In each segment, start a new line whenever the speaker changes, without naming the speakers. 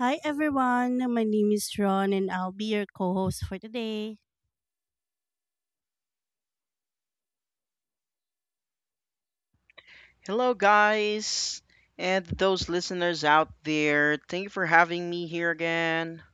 Hi everyone, my name is Ron and I'll be your co-host for today.
Hello, guys, and those listeners out there. Thank you for having me here again.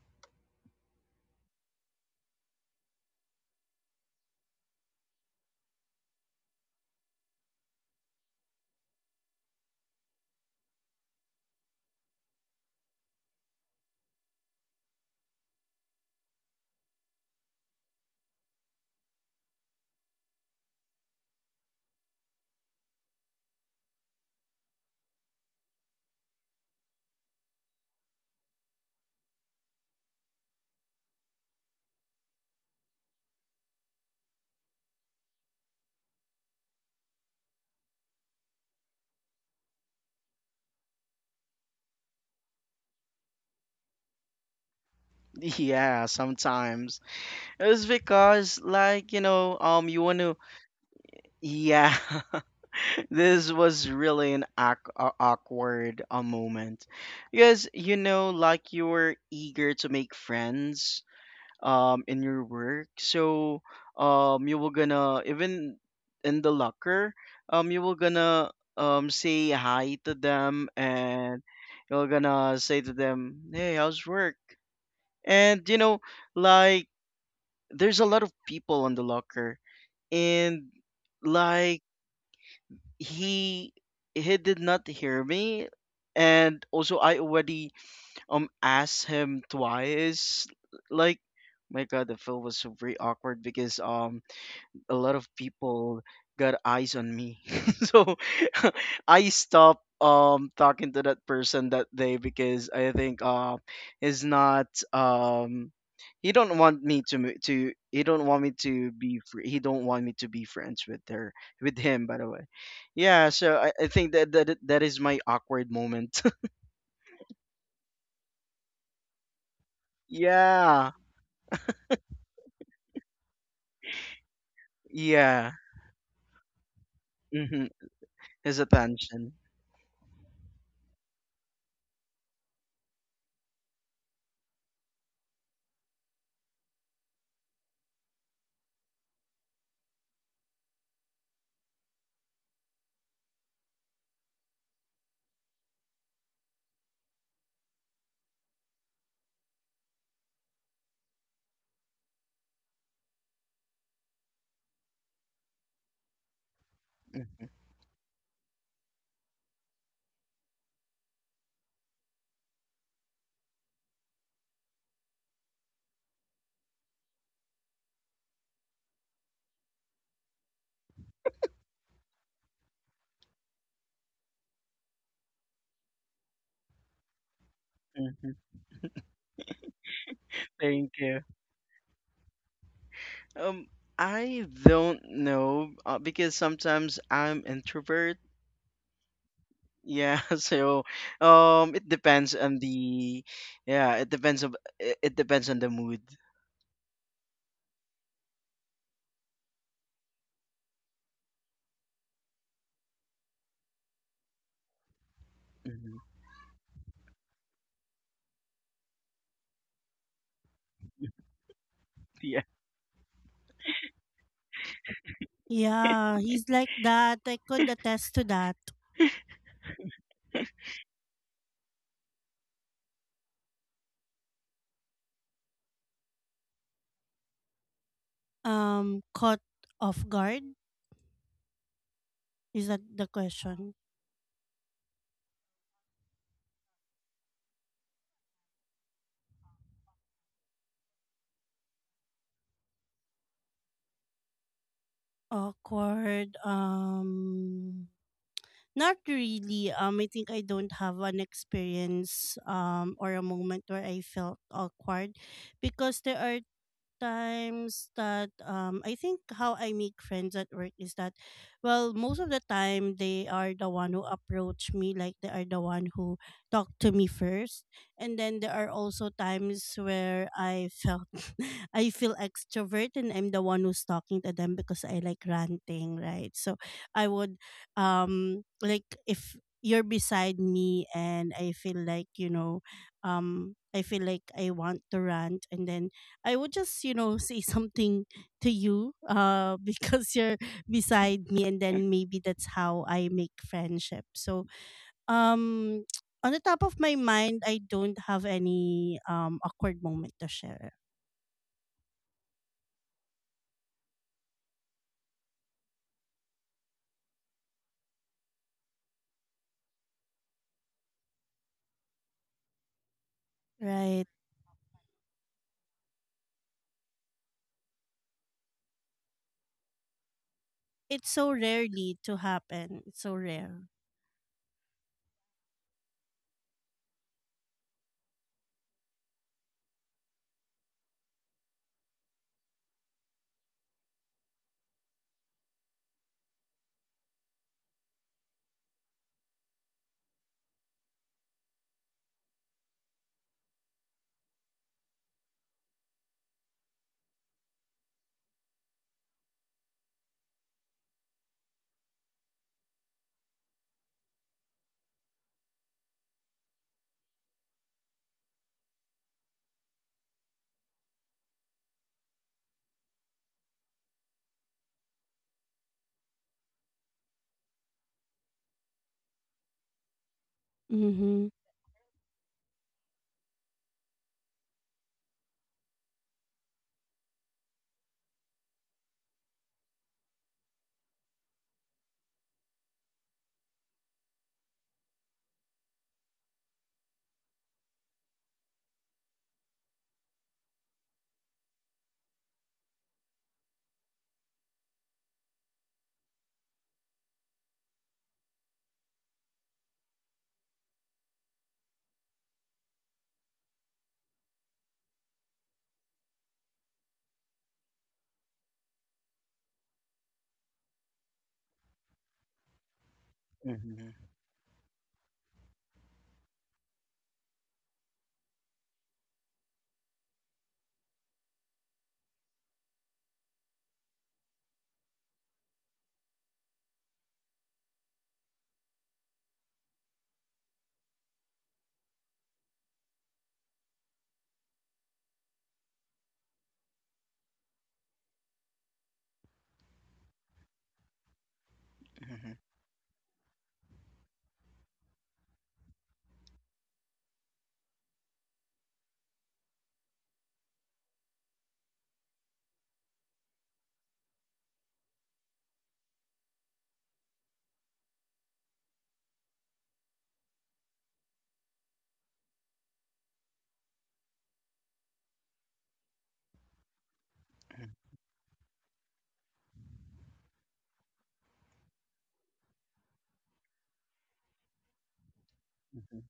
Yeah, sometimes it's because, you want to. Yeah, this was really an awkward moment because you know, like you were eager to make friends, in your work, so you were gonna, even in the locker, you were gonna say hi to them, and you're gonna say to them, "Hey, how's work?" And you know, like, there's a lot of people on the locker, and like he he did not hear me, and also I already asked him twice. Like, my god, the film was very awkward because a lot of people got eyes on me. So I stopped talking to that person that day because I think is not, um he don't want me to he don't want me to he don't want me to be friends with her, with him, by the way. Yeah, so I think that, that is my awkward moment. Yeah, yeah. Mhm, his attention. Mm, mhm. Thank you. Um, I don't know, because sometimes I'm introvert. Yeah, so it depends on the, yeah, it depends on, it depends on the mood. Hmm. Yeah.
Yeah, he's like that. I could attest to that. Caught off guard? Is that the question? Awkward. Not really. I think I don't have an experience or a moment where I felt awkward because there are times that I think how I make friends at work is that, well, most of the time they are the one who approach me, like they are the one who talk to me first, and then there are also times where I felt I feel extrovert and I'm the one who's talking to them because I like ranting, right? So I would like, if you're beside me and I feel like, I feel like I want to rant, and then I would just, say something to you because you're beside me, and then maybe that's how I make friendship. So, um, on the top of my mind, I don't have any awkward moment to share, right? It's so rarely to happen. It's so rare. Mm-hmm.
Mhm, mhm, mhm, mhm,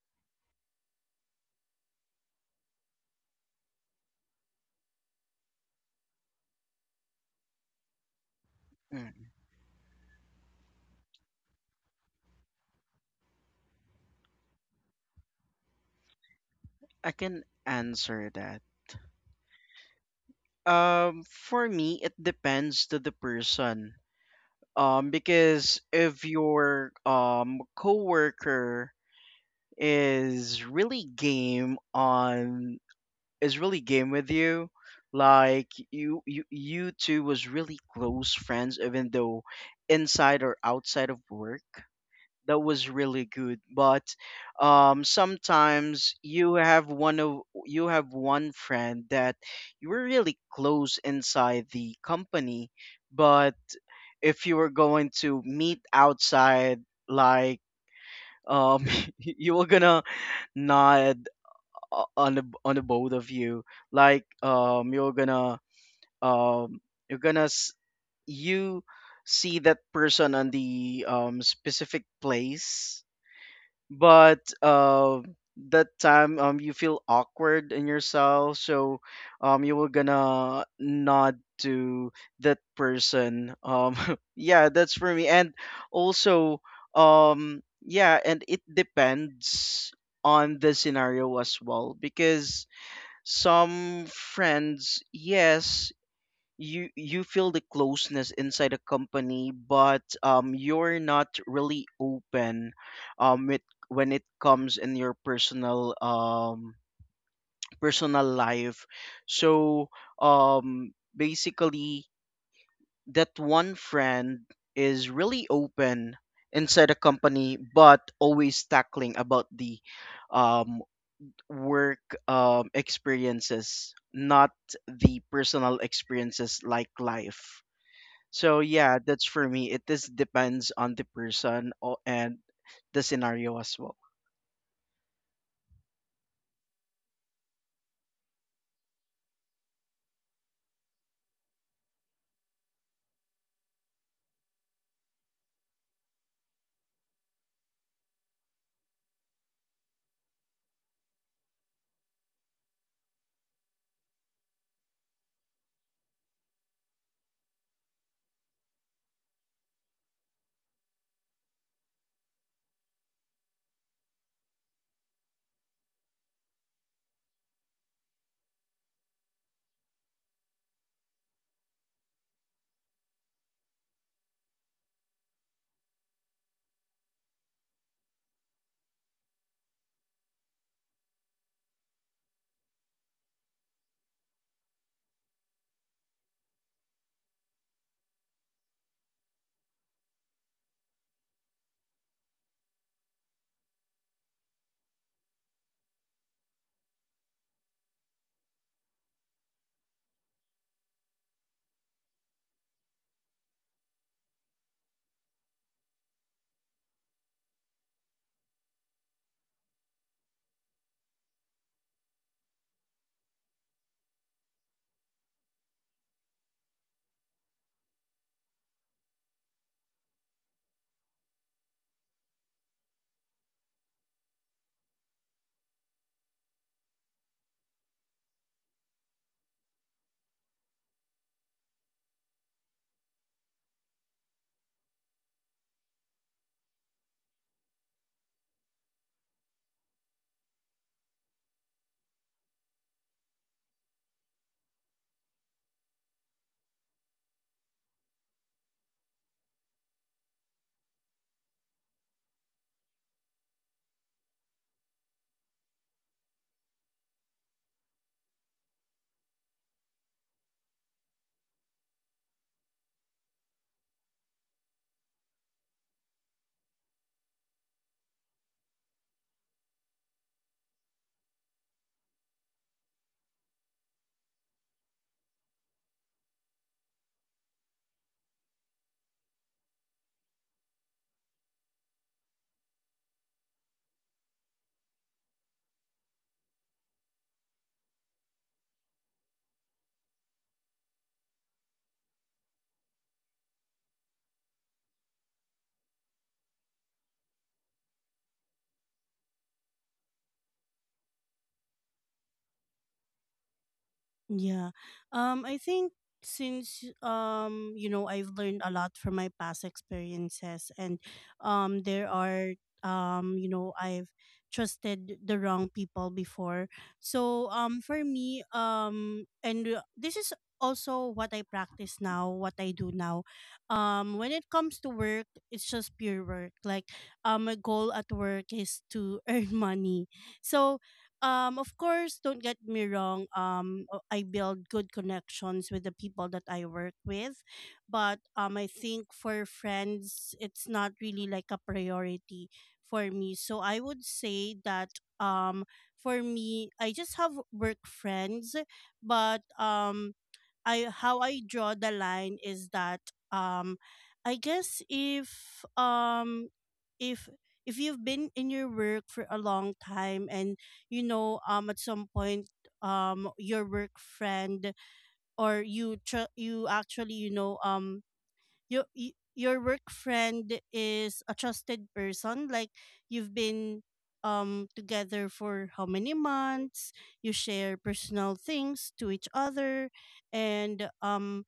mhm. I can answer that. For me, it depends to the person. Because if your coworker is really game on, is really game with you, like you two was really close friends, even though inside or outside of work, that was really good. But sometimes you have one of, you have one friend that you were really close inside the company, but if you were going to meet outside, like, um you were gonna nod on the, on the both of you, like um you're gonna you see that person on the specific place, but that time you feel awkward in yourself. So you were gonna nod to that person, yeah, that's for me. And also yeah, and it depends on the scenario as well, because some friends, yes, you feel the closeness inside a company, but you're not really open with, when it comes in your personal personal life. So basically that one friend is really open inside a company, but always tackling about the um work experiences, not the personal experiences, like life. So yeah, that's for me. It is depends on the person and the scenario as well.
Yeah. I think, since I've learned a lot from my past experiences, and there are you know I've trusted the wrong people before. So for me, and this is also what I practice now, what I do now. When it comes to work, it's just pure work. Like, my goal at work is to earn money. So, of course, don't get me wrong. I build good connections with the people that I work with, but, I think for friends, it's not really like a priority for me. So I would say that, for me, I just have work friends, but, I how I draw the line is that, um, I guess, um if if you've been in your work for a long time and, at some point, your work friend or you actually, you know your work friend is a trusted person, like you've been together for how many months, you share personal things to each other, and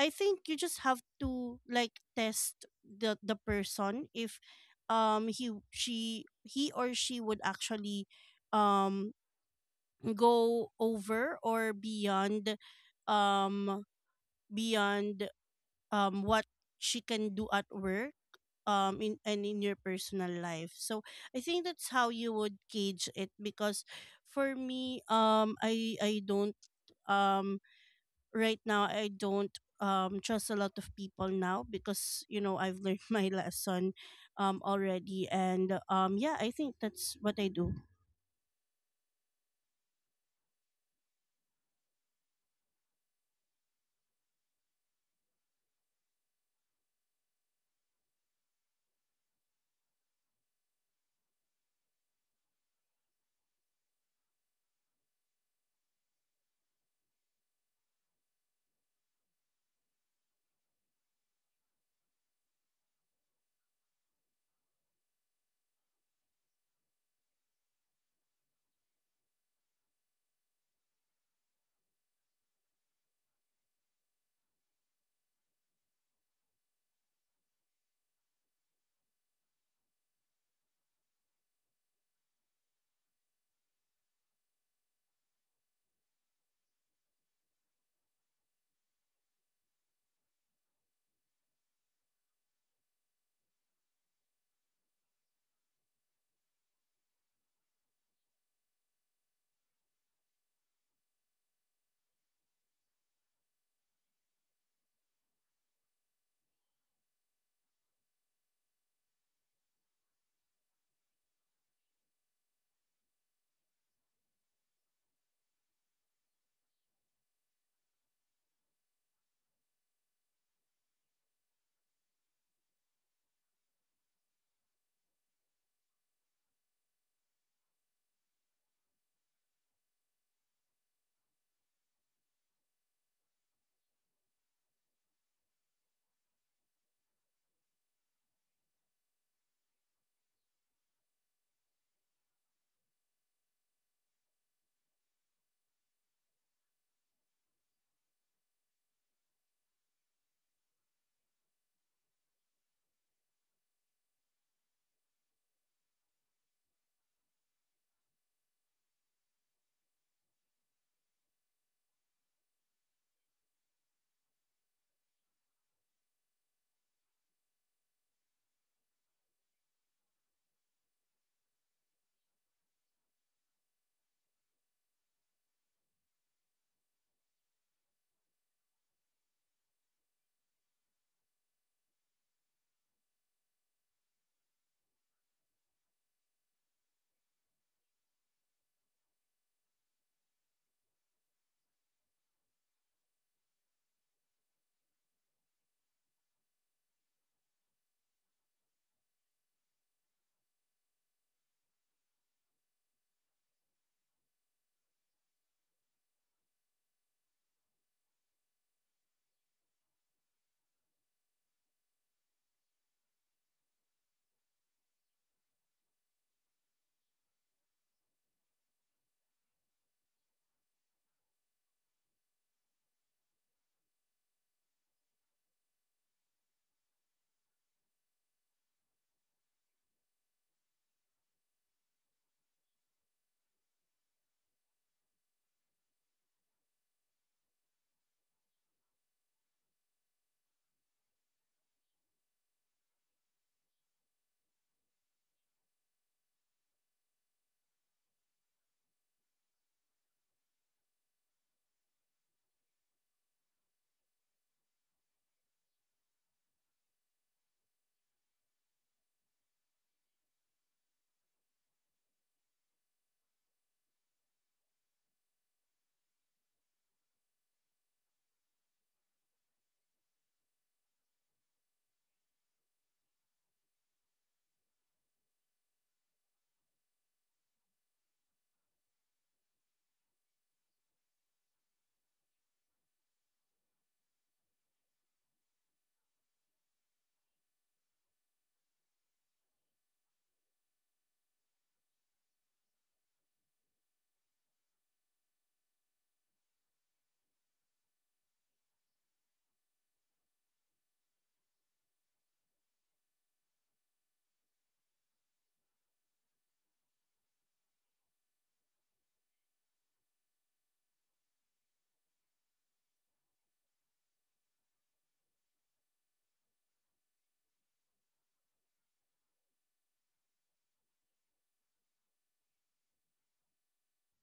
I think you just have to, like, test the person, if he or she would actually um go over or um beyond what she can do at work in your personal life. So I think that's how you would gauge it, because for me, I don't um right now, I don't trust a lot of people now, because I've learned my lesson already, and yeah, I think that's what I do.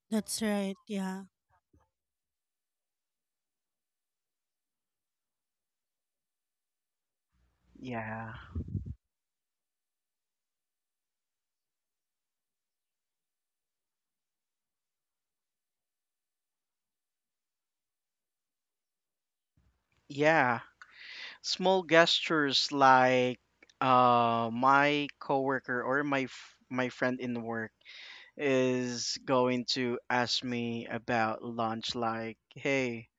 That's right. Yeah.
Yeah. Yeah. Small gestures, like my coworker or my my friend in work is going to ask me about lunch, like, "Hey,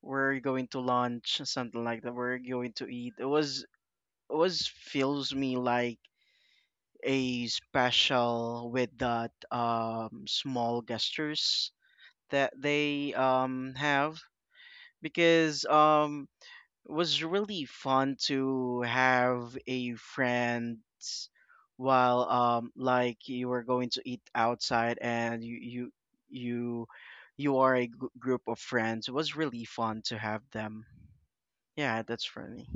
where are you going to lunch?" Something like that. "Where are you going to eat?" It was always feels me like a special with that small gestures that they have, because it was really fun to have a friend, while like you were going to eat outside and you you are a group of friends. It was really fun to have them. Yeah, that's for me.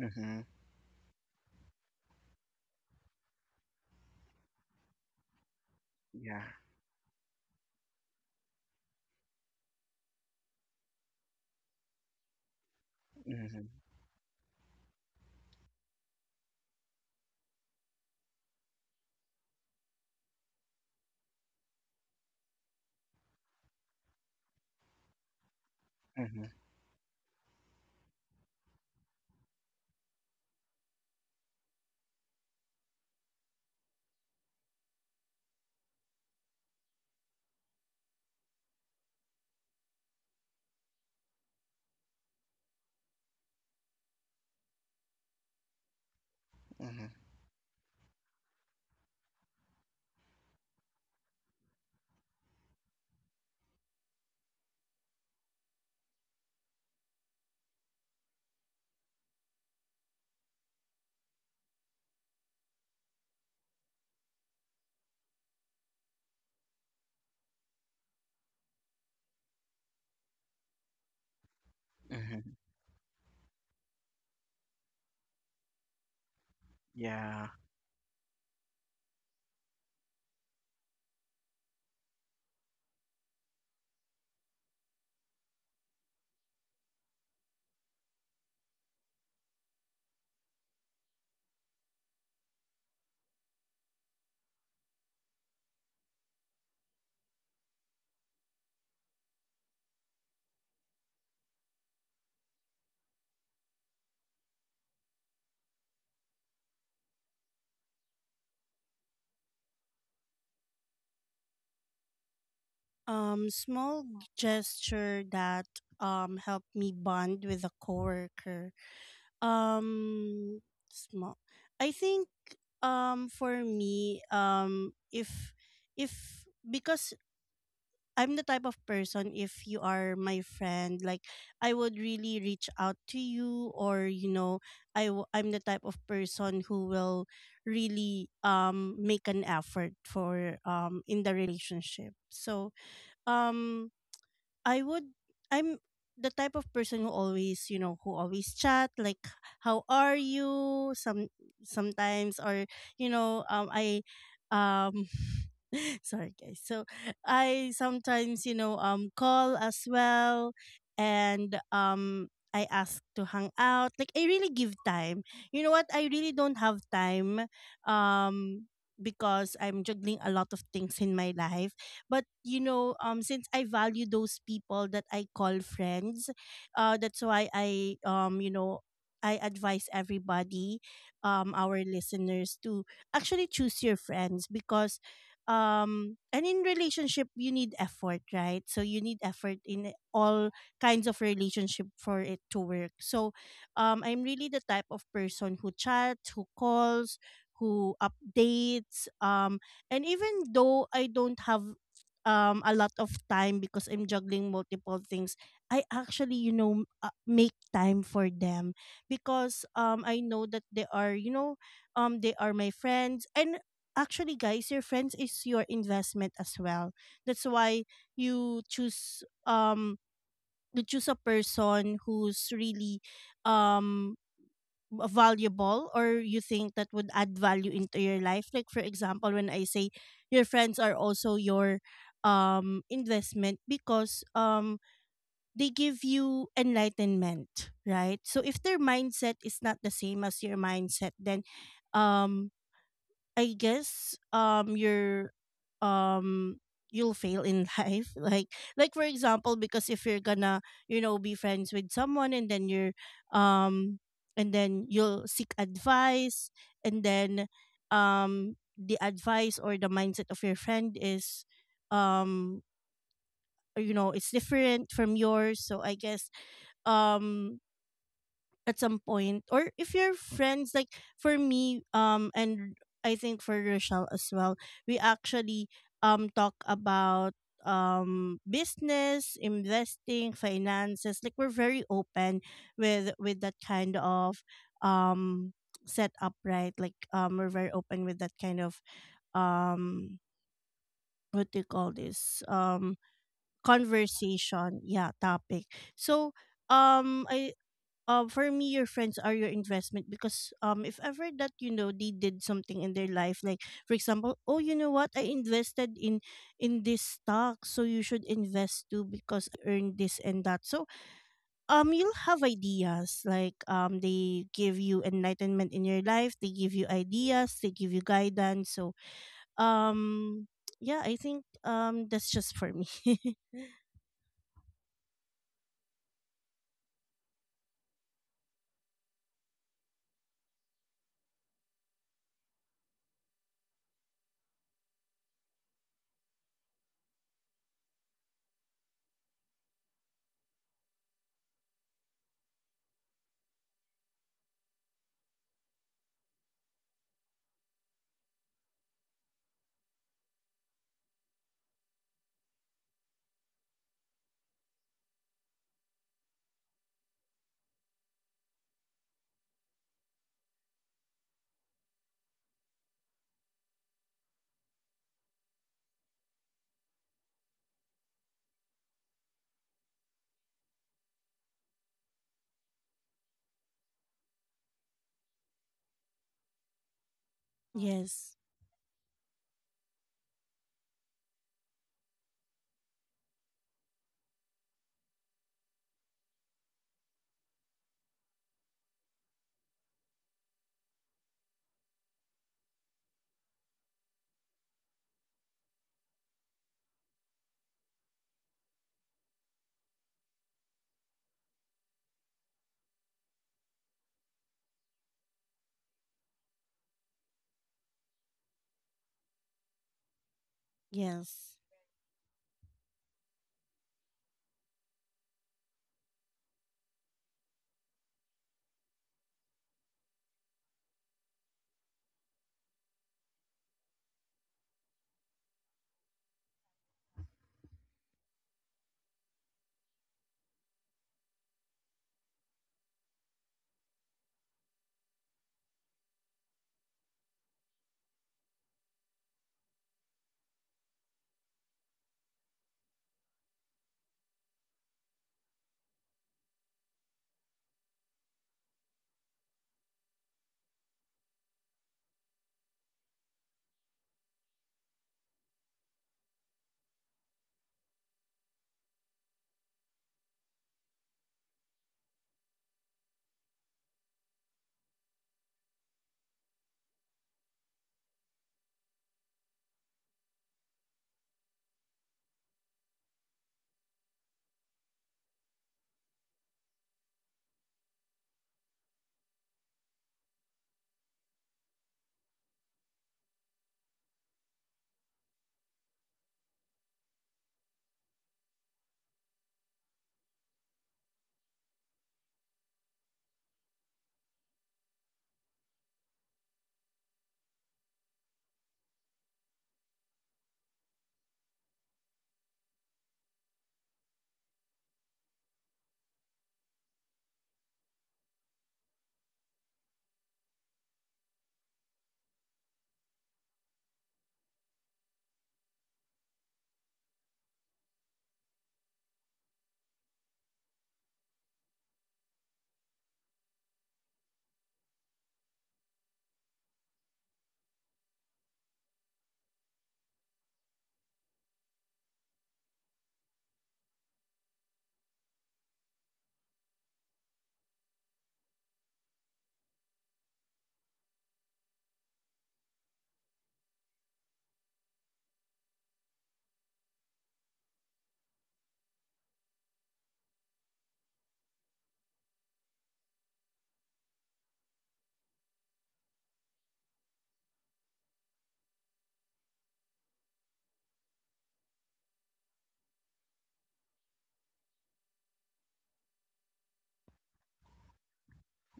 Mm-hmm. Yeah. Mm-hmm. Mm-hmm. Mm-hmm. Mm-hmm. Yeah.
Small gesture that helped me bond with a coworker. Um Small, I think, for me, if because I'm the type of person, if you are my friend, like, I would really reach out to you, or you know I w- I'm the type of person who will really make an effort for in the relationship. So, um I would I'm the type of person who always chat, like, how are you sometimes. Or you know, I um Sorry, guys. So I sometimes, you know, call as well, and I ask to hang out. Like, I really give time. You know what? I really don't have time, um because I'm juggling a lot of things in my life, but since I value those people that I call friends, that's why I you know I advise everybody, our listeners, to actually choose your friends, because and in relationship you need effort, right? So you need effort in all kinds of relationship for it to work. So I'm really the type of person who chats, who calls, who updates, and even though I don't have a lot of time because I'm juggling multiple things, I actually, make time for them, because, I know that they are my friends. And actually, guys, your friends is your investment as well. That's why you choose, you choose a person who's really um valuable, or you think that would add value into your life. Like, for example, when I say your friends are also your investment, because they give you enlightenment, right? So if their mindset is not the same as your mindset, then um I guess um you'll fail in life, like for example, because if you're gonna, be friends with someone, and then um you'll seek advice, and then the advice or the mindset of your friend is um you know it's different from yours. So I guess, um at some point, or if you're friends, like, for me, and I think for Rochelle as well, we actually talk about, business, investing, finances, like, we're very open with that kind of um setup, right? Like, we're very open with that kind of, um what do you call this, conversation. Yeah. Topic. So, I for me, your friends are your investment, because if ever that, they did something in their life, like, for example, oh, you know what, I invested in this stock, so you should invest too because I earned this and that. So you'll have ideas, like, they give you enlightenment in your life, they give you ideas, they give you guidance. So um yeah, I think that's just for me. Yes, yes.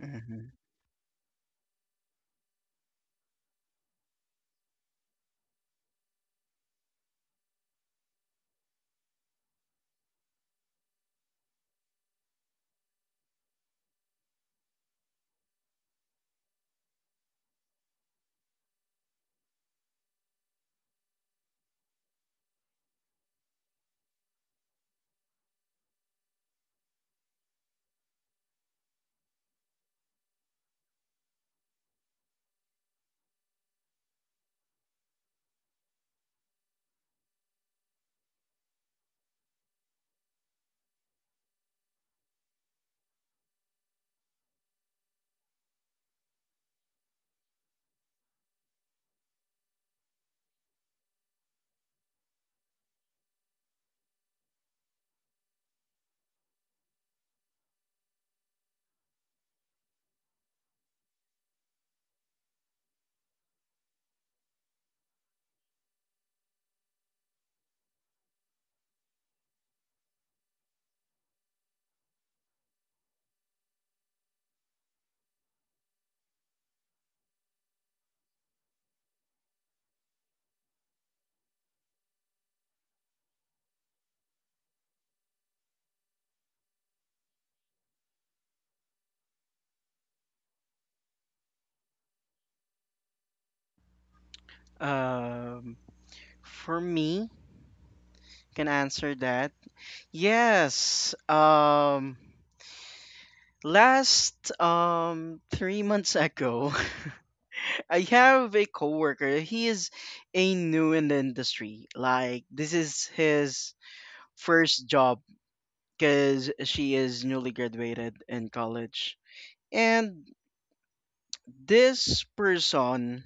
Mm-hmm. Um, for me, can answer that. Yes. Last 3 months ago, I have a coworker. He is a new in the industry. Like, this is his first job, because she is newly graduated in college. And this person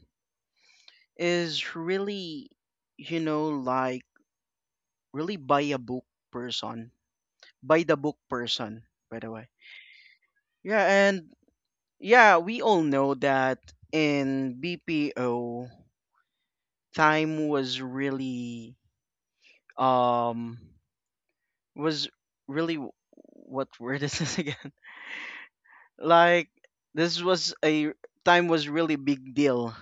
is really, you know, like really by a book person. By the book person, by the way. Yeah, and yeah, we all know that in BPO, time was really um, was really what word is this again? Like, this was a time, was really big deal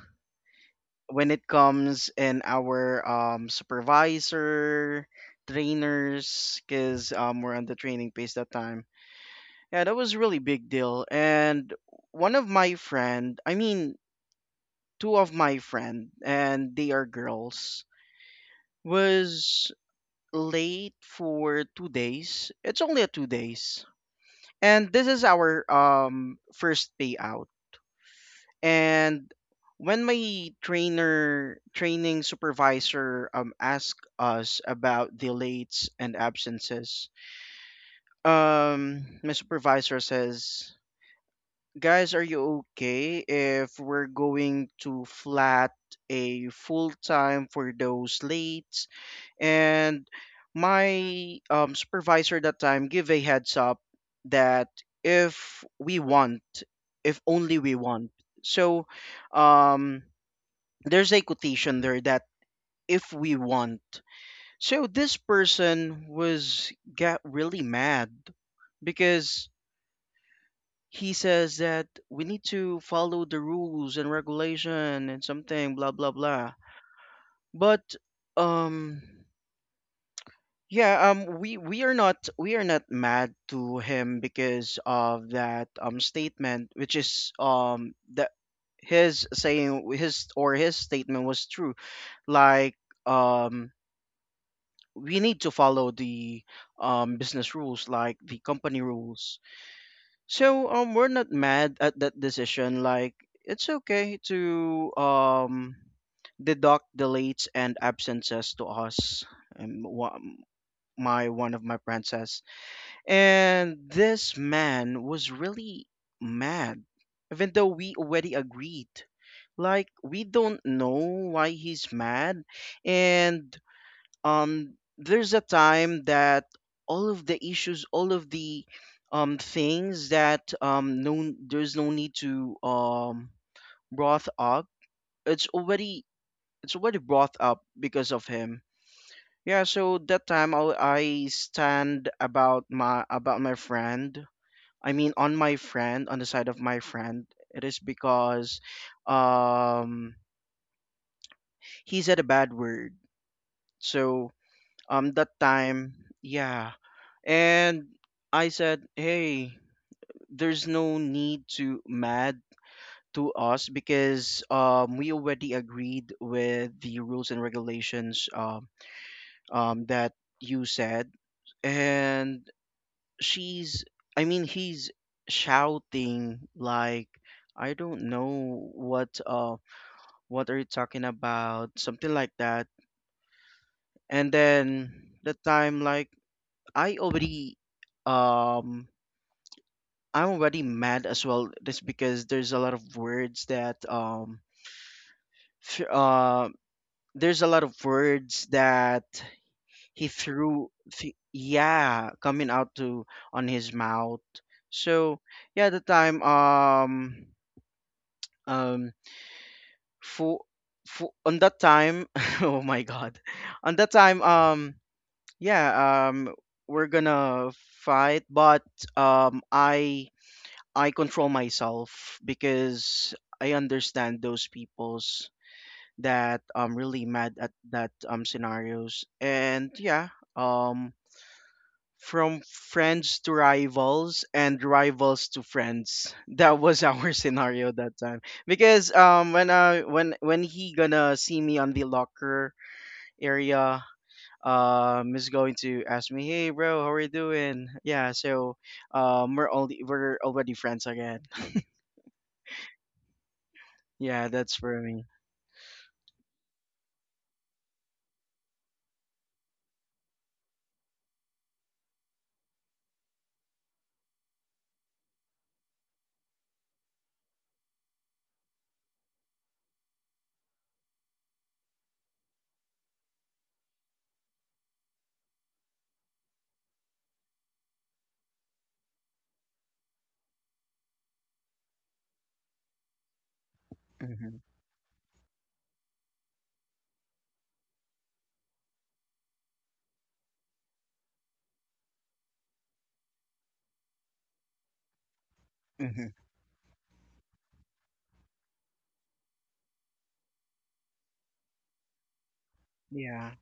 when it comes in our supervisor trainers, because we're on the training pace that time. Yeah, that was really big deal. And one of my friend, I mean two of my friend, and they are girls, was late for 2 days. It's only a 2 days. And this is our first payout. And when my trainer training supervisor asked us about the lates and absences, my supervisor says, "Guys, are you okay if we're going to flat a full time for those late?" And my supervisor that time give a heads up that if we want, if only we want. So um, there's a quotation there that if we want. So this person was got really mad, because he says that we need to follow the rules and regulation and something blah blah blah. But um, yeah, we are not, we are not mad to him because of that statement, which is that his saying, his or his statement was true. Like um, we need to follow the business rules, like the company rules. So we're not mad at that decision. Like, it's okay to deduct the lates and absences to us. Um, wha- my one of my friends says. And this man was really mad, even though we already agreed. Like, we don't know why he's mad. And there's a time that all of the issues, all of the things that no, there's no need to brought up, it's already, it's already brought up because of him. Yeah, so that time I stand about my, about my friend, I mean, on my friend, on the side of my friend. It is because um, he said a bad word. So that time, yeah, and I said, "Hey, there's no need to mad to us because we already agreed with the rules and regulations, that you said." And she's, I mean he's shouting, like, "I don't know what are you talking about?" Something like that. And then the time, like, I already um I'm already mad as well, just because there's a lot of words that f- uh there's a lot of words that he threw yeah, coming out to on his mouth. So yeah, the time um for for on that time, oh my god, on that time, yeah, we're gonna fight, but um i I control myself because I understand those peoples that really mad at that scenarios. And yeah, um from friends to rivals, and rivals to friends. That was our scenario that time. Because when I, when he gonna see me on the locker area, is going to ask me, "Hey bro, how are you doing?" Yeah, so we're already friends again. Yeah, that's for me. Hmm. Hmm. Yeah,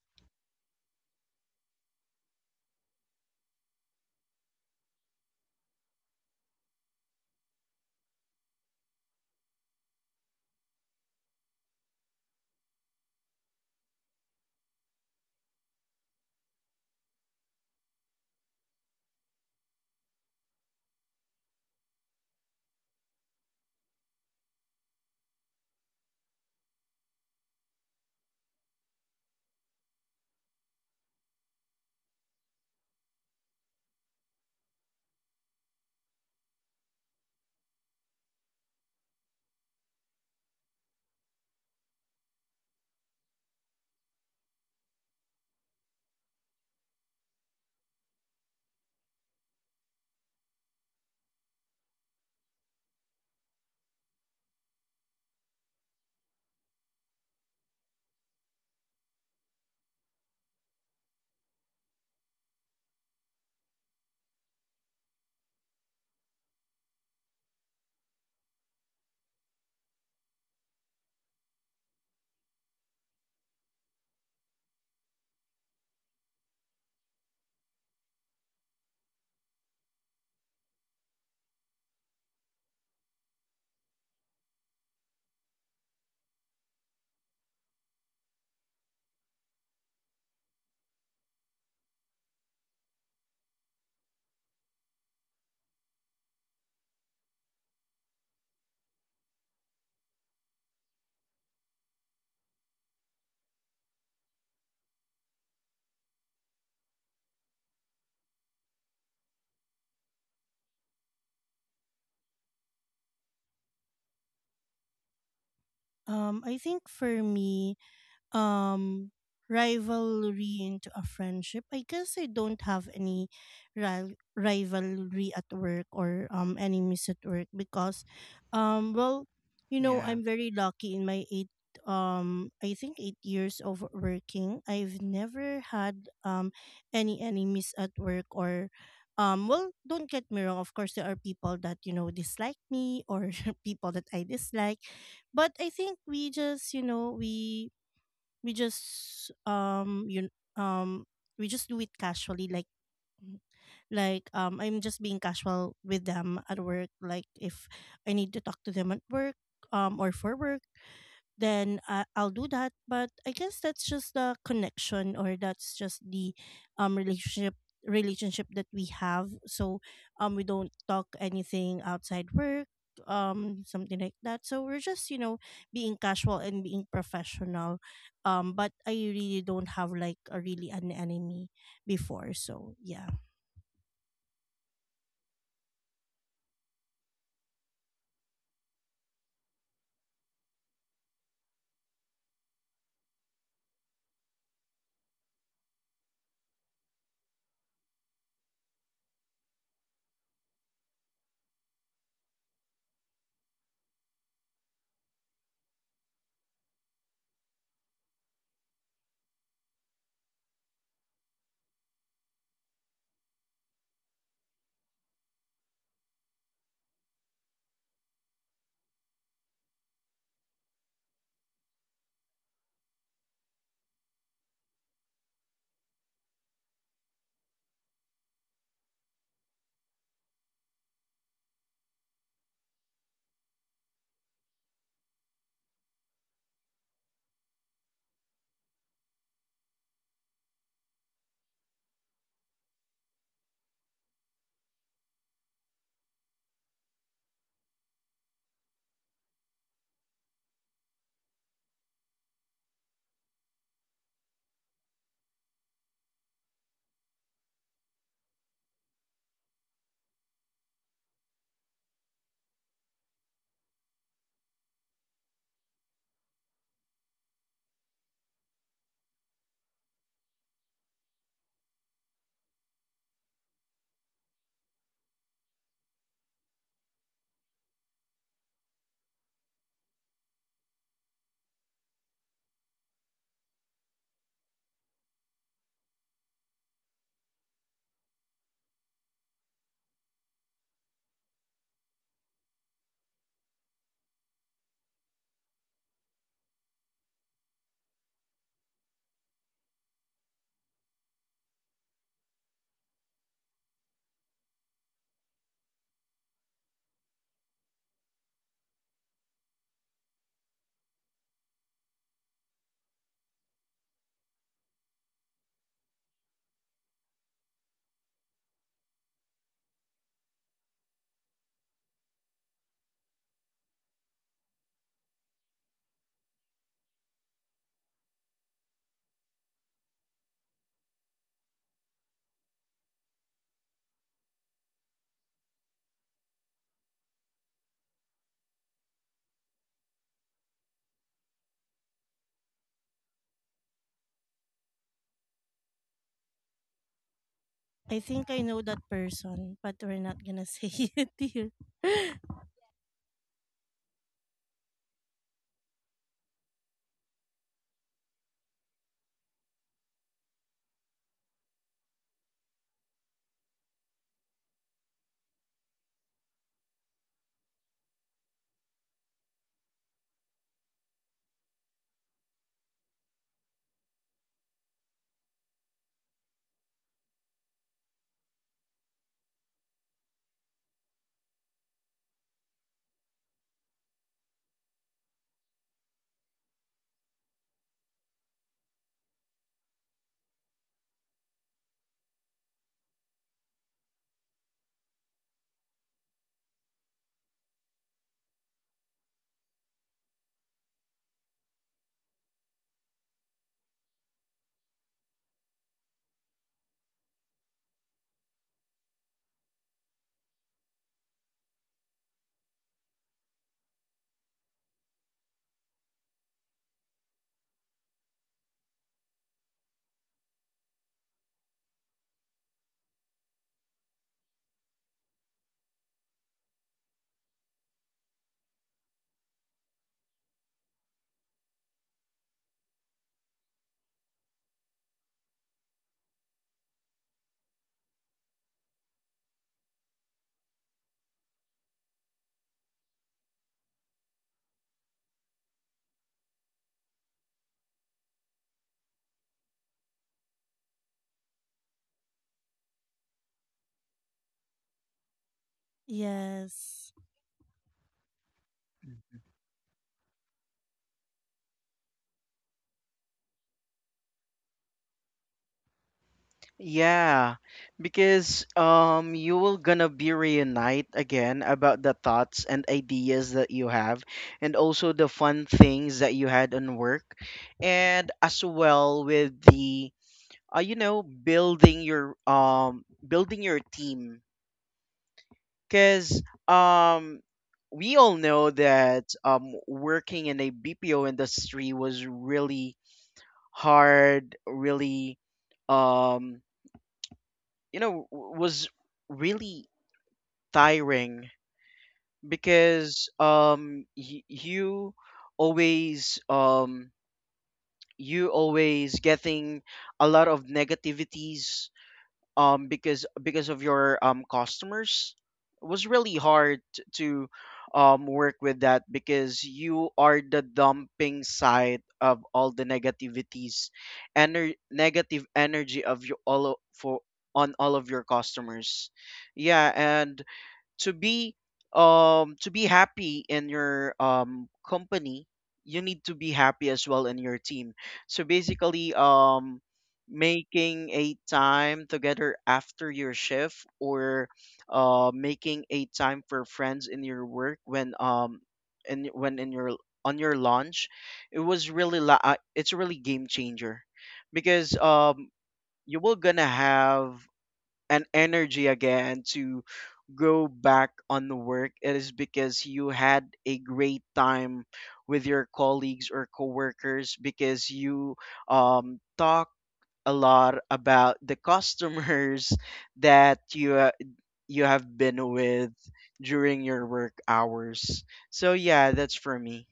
I think for me, um rivalry into a friendship, I guess I don't have any rivalry at work, or enemies at work, because well,
yeah.
I'm very lucky in my eight I think 8 years of working. I've never had any enemies at work. Or well, don't get me wrong, of course there are people that, dislike me, or people that I dislike, but I think we just you know we just you um we just do it casually, mm, like I'm just being casual with them at work. Like, if I need to talk to them at work, or for work, then I'll do that. But I guess that's just the connection, or that's just the um relationship relationship that we have. So, we don't talk anything outside work, something like that. So we're just, being casual and being professional. But I really don't have, like, a really an enemy before. So yeah, I think I know that person, but we're not gonna say it here. Yes.
Yeah, because you will gonna be reunite again about the thoughts and ideas that you have, and also the fun things that you had on work, and as well with the you know, building your team. Because um we all know that working in a BPO industry was really hard, really um you know, was really tiring, because always um you always getting a lot of negativities, because of your customers. It was really hard to work with that, because you are the dumping side of all the negativities negative energy of you all for, on all of your customers. Yeah. And to be to be happy in your company, you need to be happy as well in your team. So basically, making a time together after your shift, or making a time for friends in your work, when in your, on your lunch, it was really it's really game changer, because you will gonna have and energy again to go back on the work. It is because you had a great time with your colleagues or coworkers, because you talk a lot about the customers that you you have been with during your work hours. So yeah, that's for me.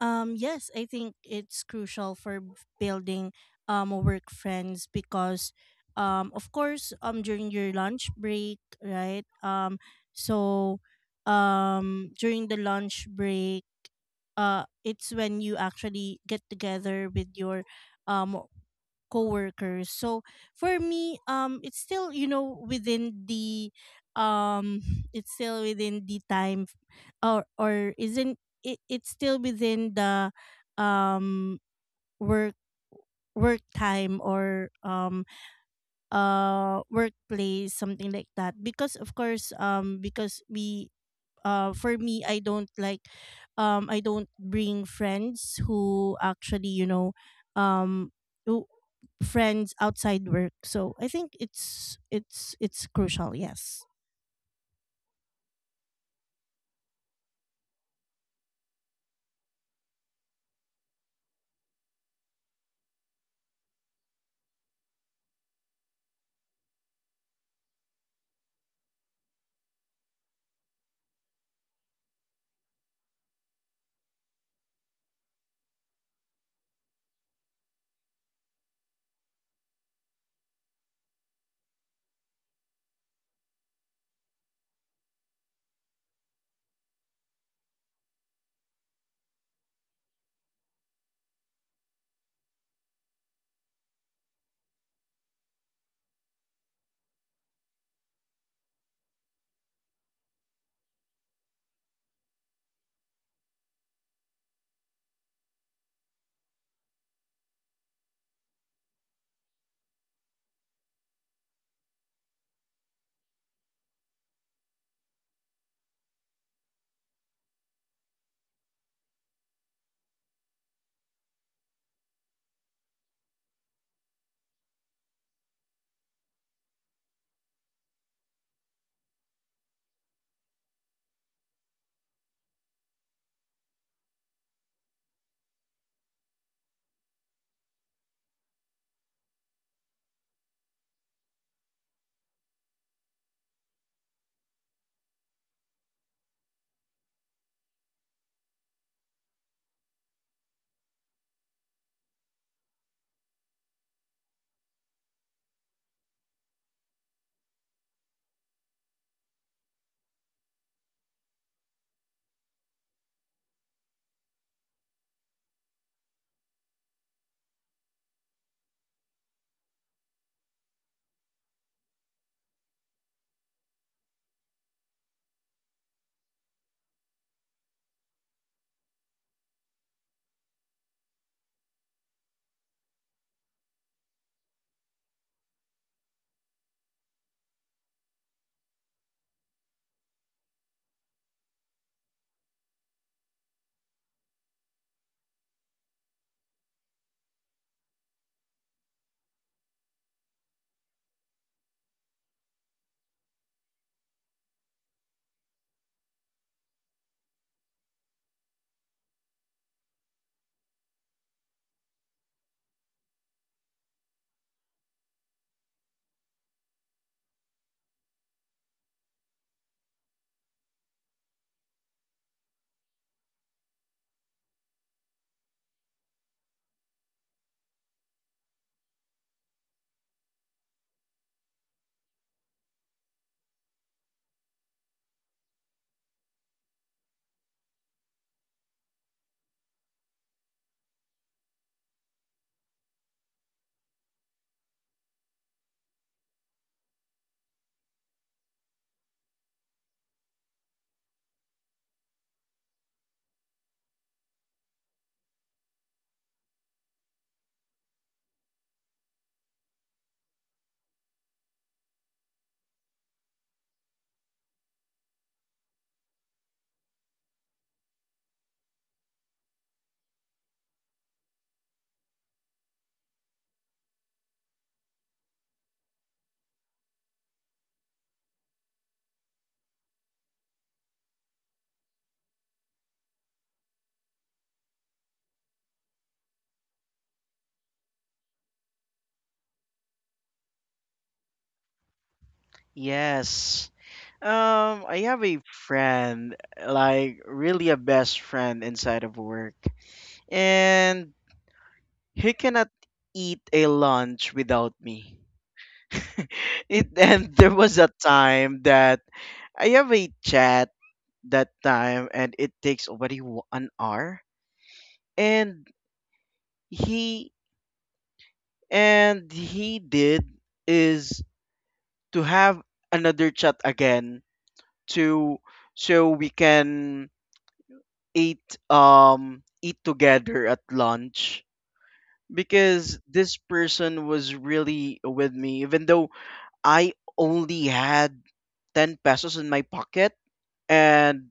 Yes, I think it's crucial for building work friends, because, of course, during your lunch break, right? So during the lunch break, it's when you actually get together with your um coworkers. So for me, it's still, within the, um, it's still within the time, or isn't it? It's still within the, um, work work time, or workplace, something like that, because, of course, because we for me, I don't bring friends who actuallyum who friends outside work. So I think it's crucial, yes.
Yes, I have a friend, like really a best friend inside of work, and he cannot eat a lunch without me. It, and there was a time that I have a chat that time, and it takes already an hour, and he he did is to have another chat again to, so we can eat eat together at lunch. Because this person was really with me even though I only had 10 pesos in my pocket. And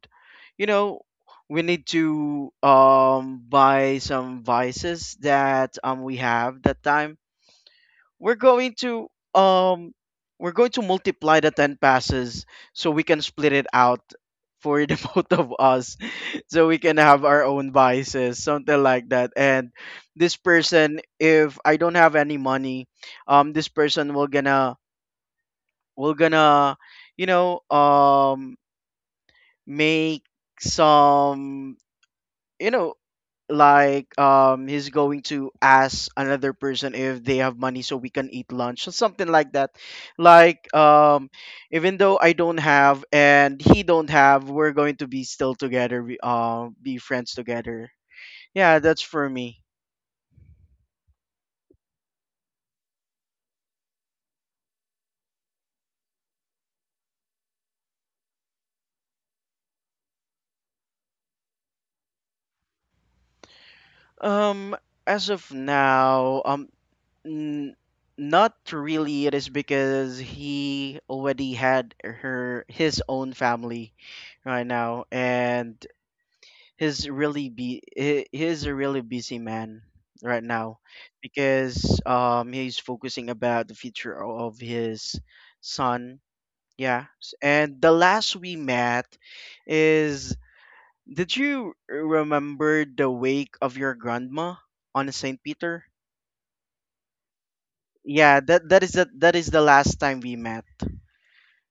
you know, we need to buy some vices that we have that time. We're going to um multiply the 10 passes so we can split it out for the both of us, so we can have our own vices, something like that. And this person, if I don't have any money, this person will gonna, we're gonna, you know, make some, you know, like, he's going to ask another person if they have money so we can eat lunch, or something like that. Like, even though I don't have and he don't have, we're going to be still together, we be friends together. Yeah, that's for me. Um, as of now, N- not really. It is because he already had her, his own family right now, and he's really be, he's a really busy man right now, because he's focusing about the future of his son. Yeah, and the last we met is, did you remember the wake of your grandma on Saint Peter? Yeah, that is the, that is the last time we met.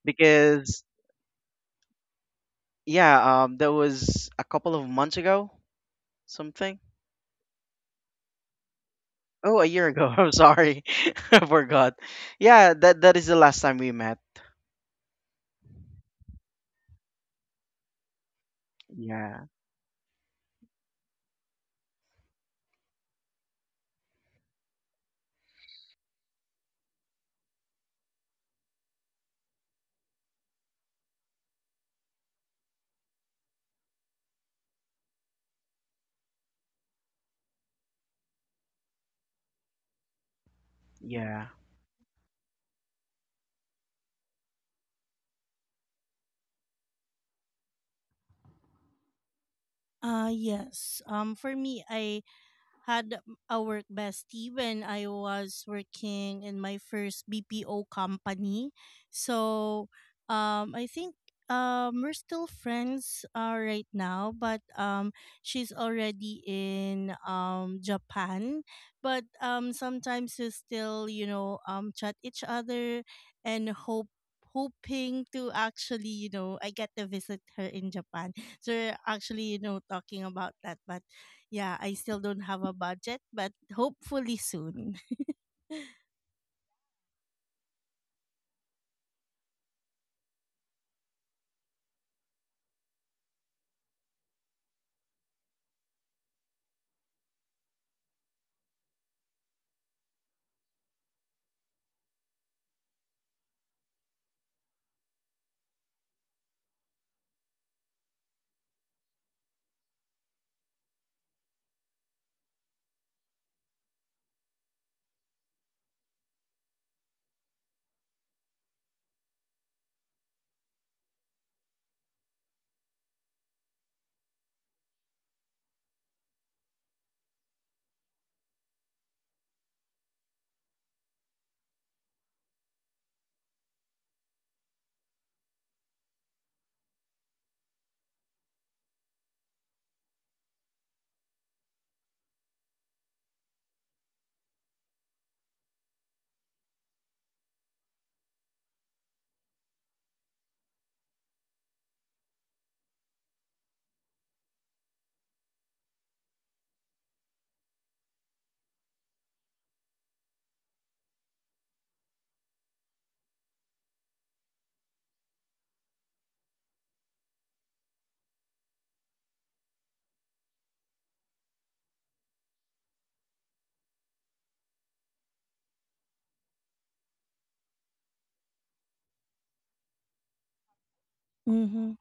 Because yeah, that was a couple of months ago, something, oh, a year ago. I'm sorry, I forgot. Yeah, that, that is the last time we met. Yeah, yeah.
Yes. For me, I had a work bestie when I was working in my first BPO company. So, I think, we're still friends, right now, but, she's already in, Japan. But, sometimes we still, chat each other, and hope hoping to actually, I get to visit her in Japan. So we're actually, talking about that. But yeah, I still don't have a budget, but hopefully soon. Mhm.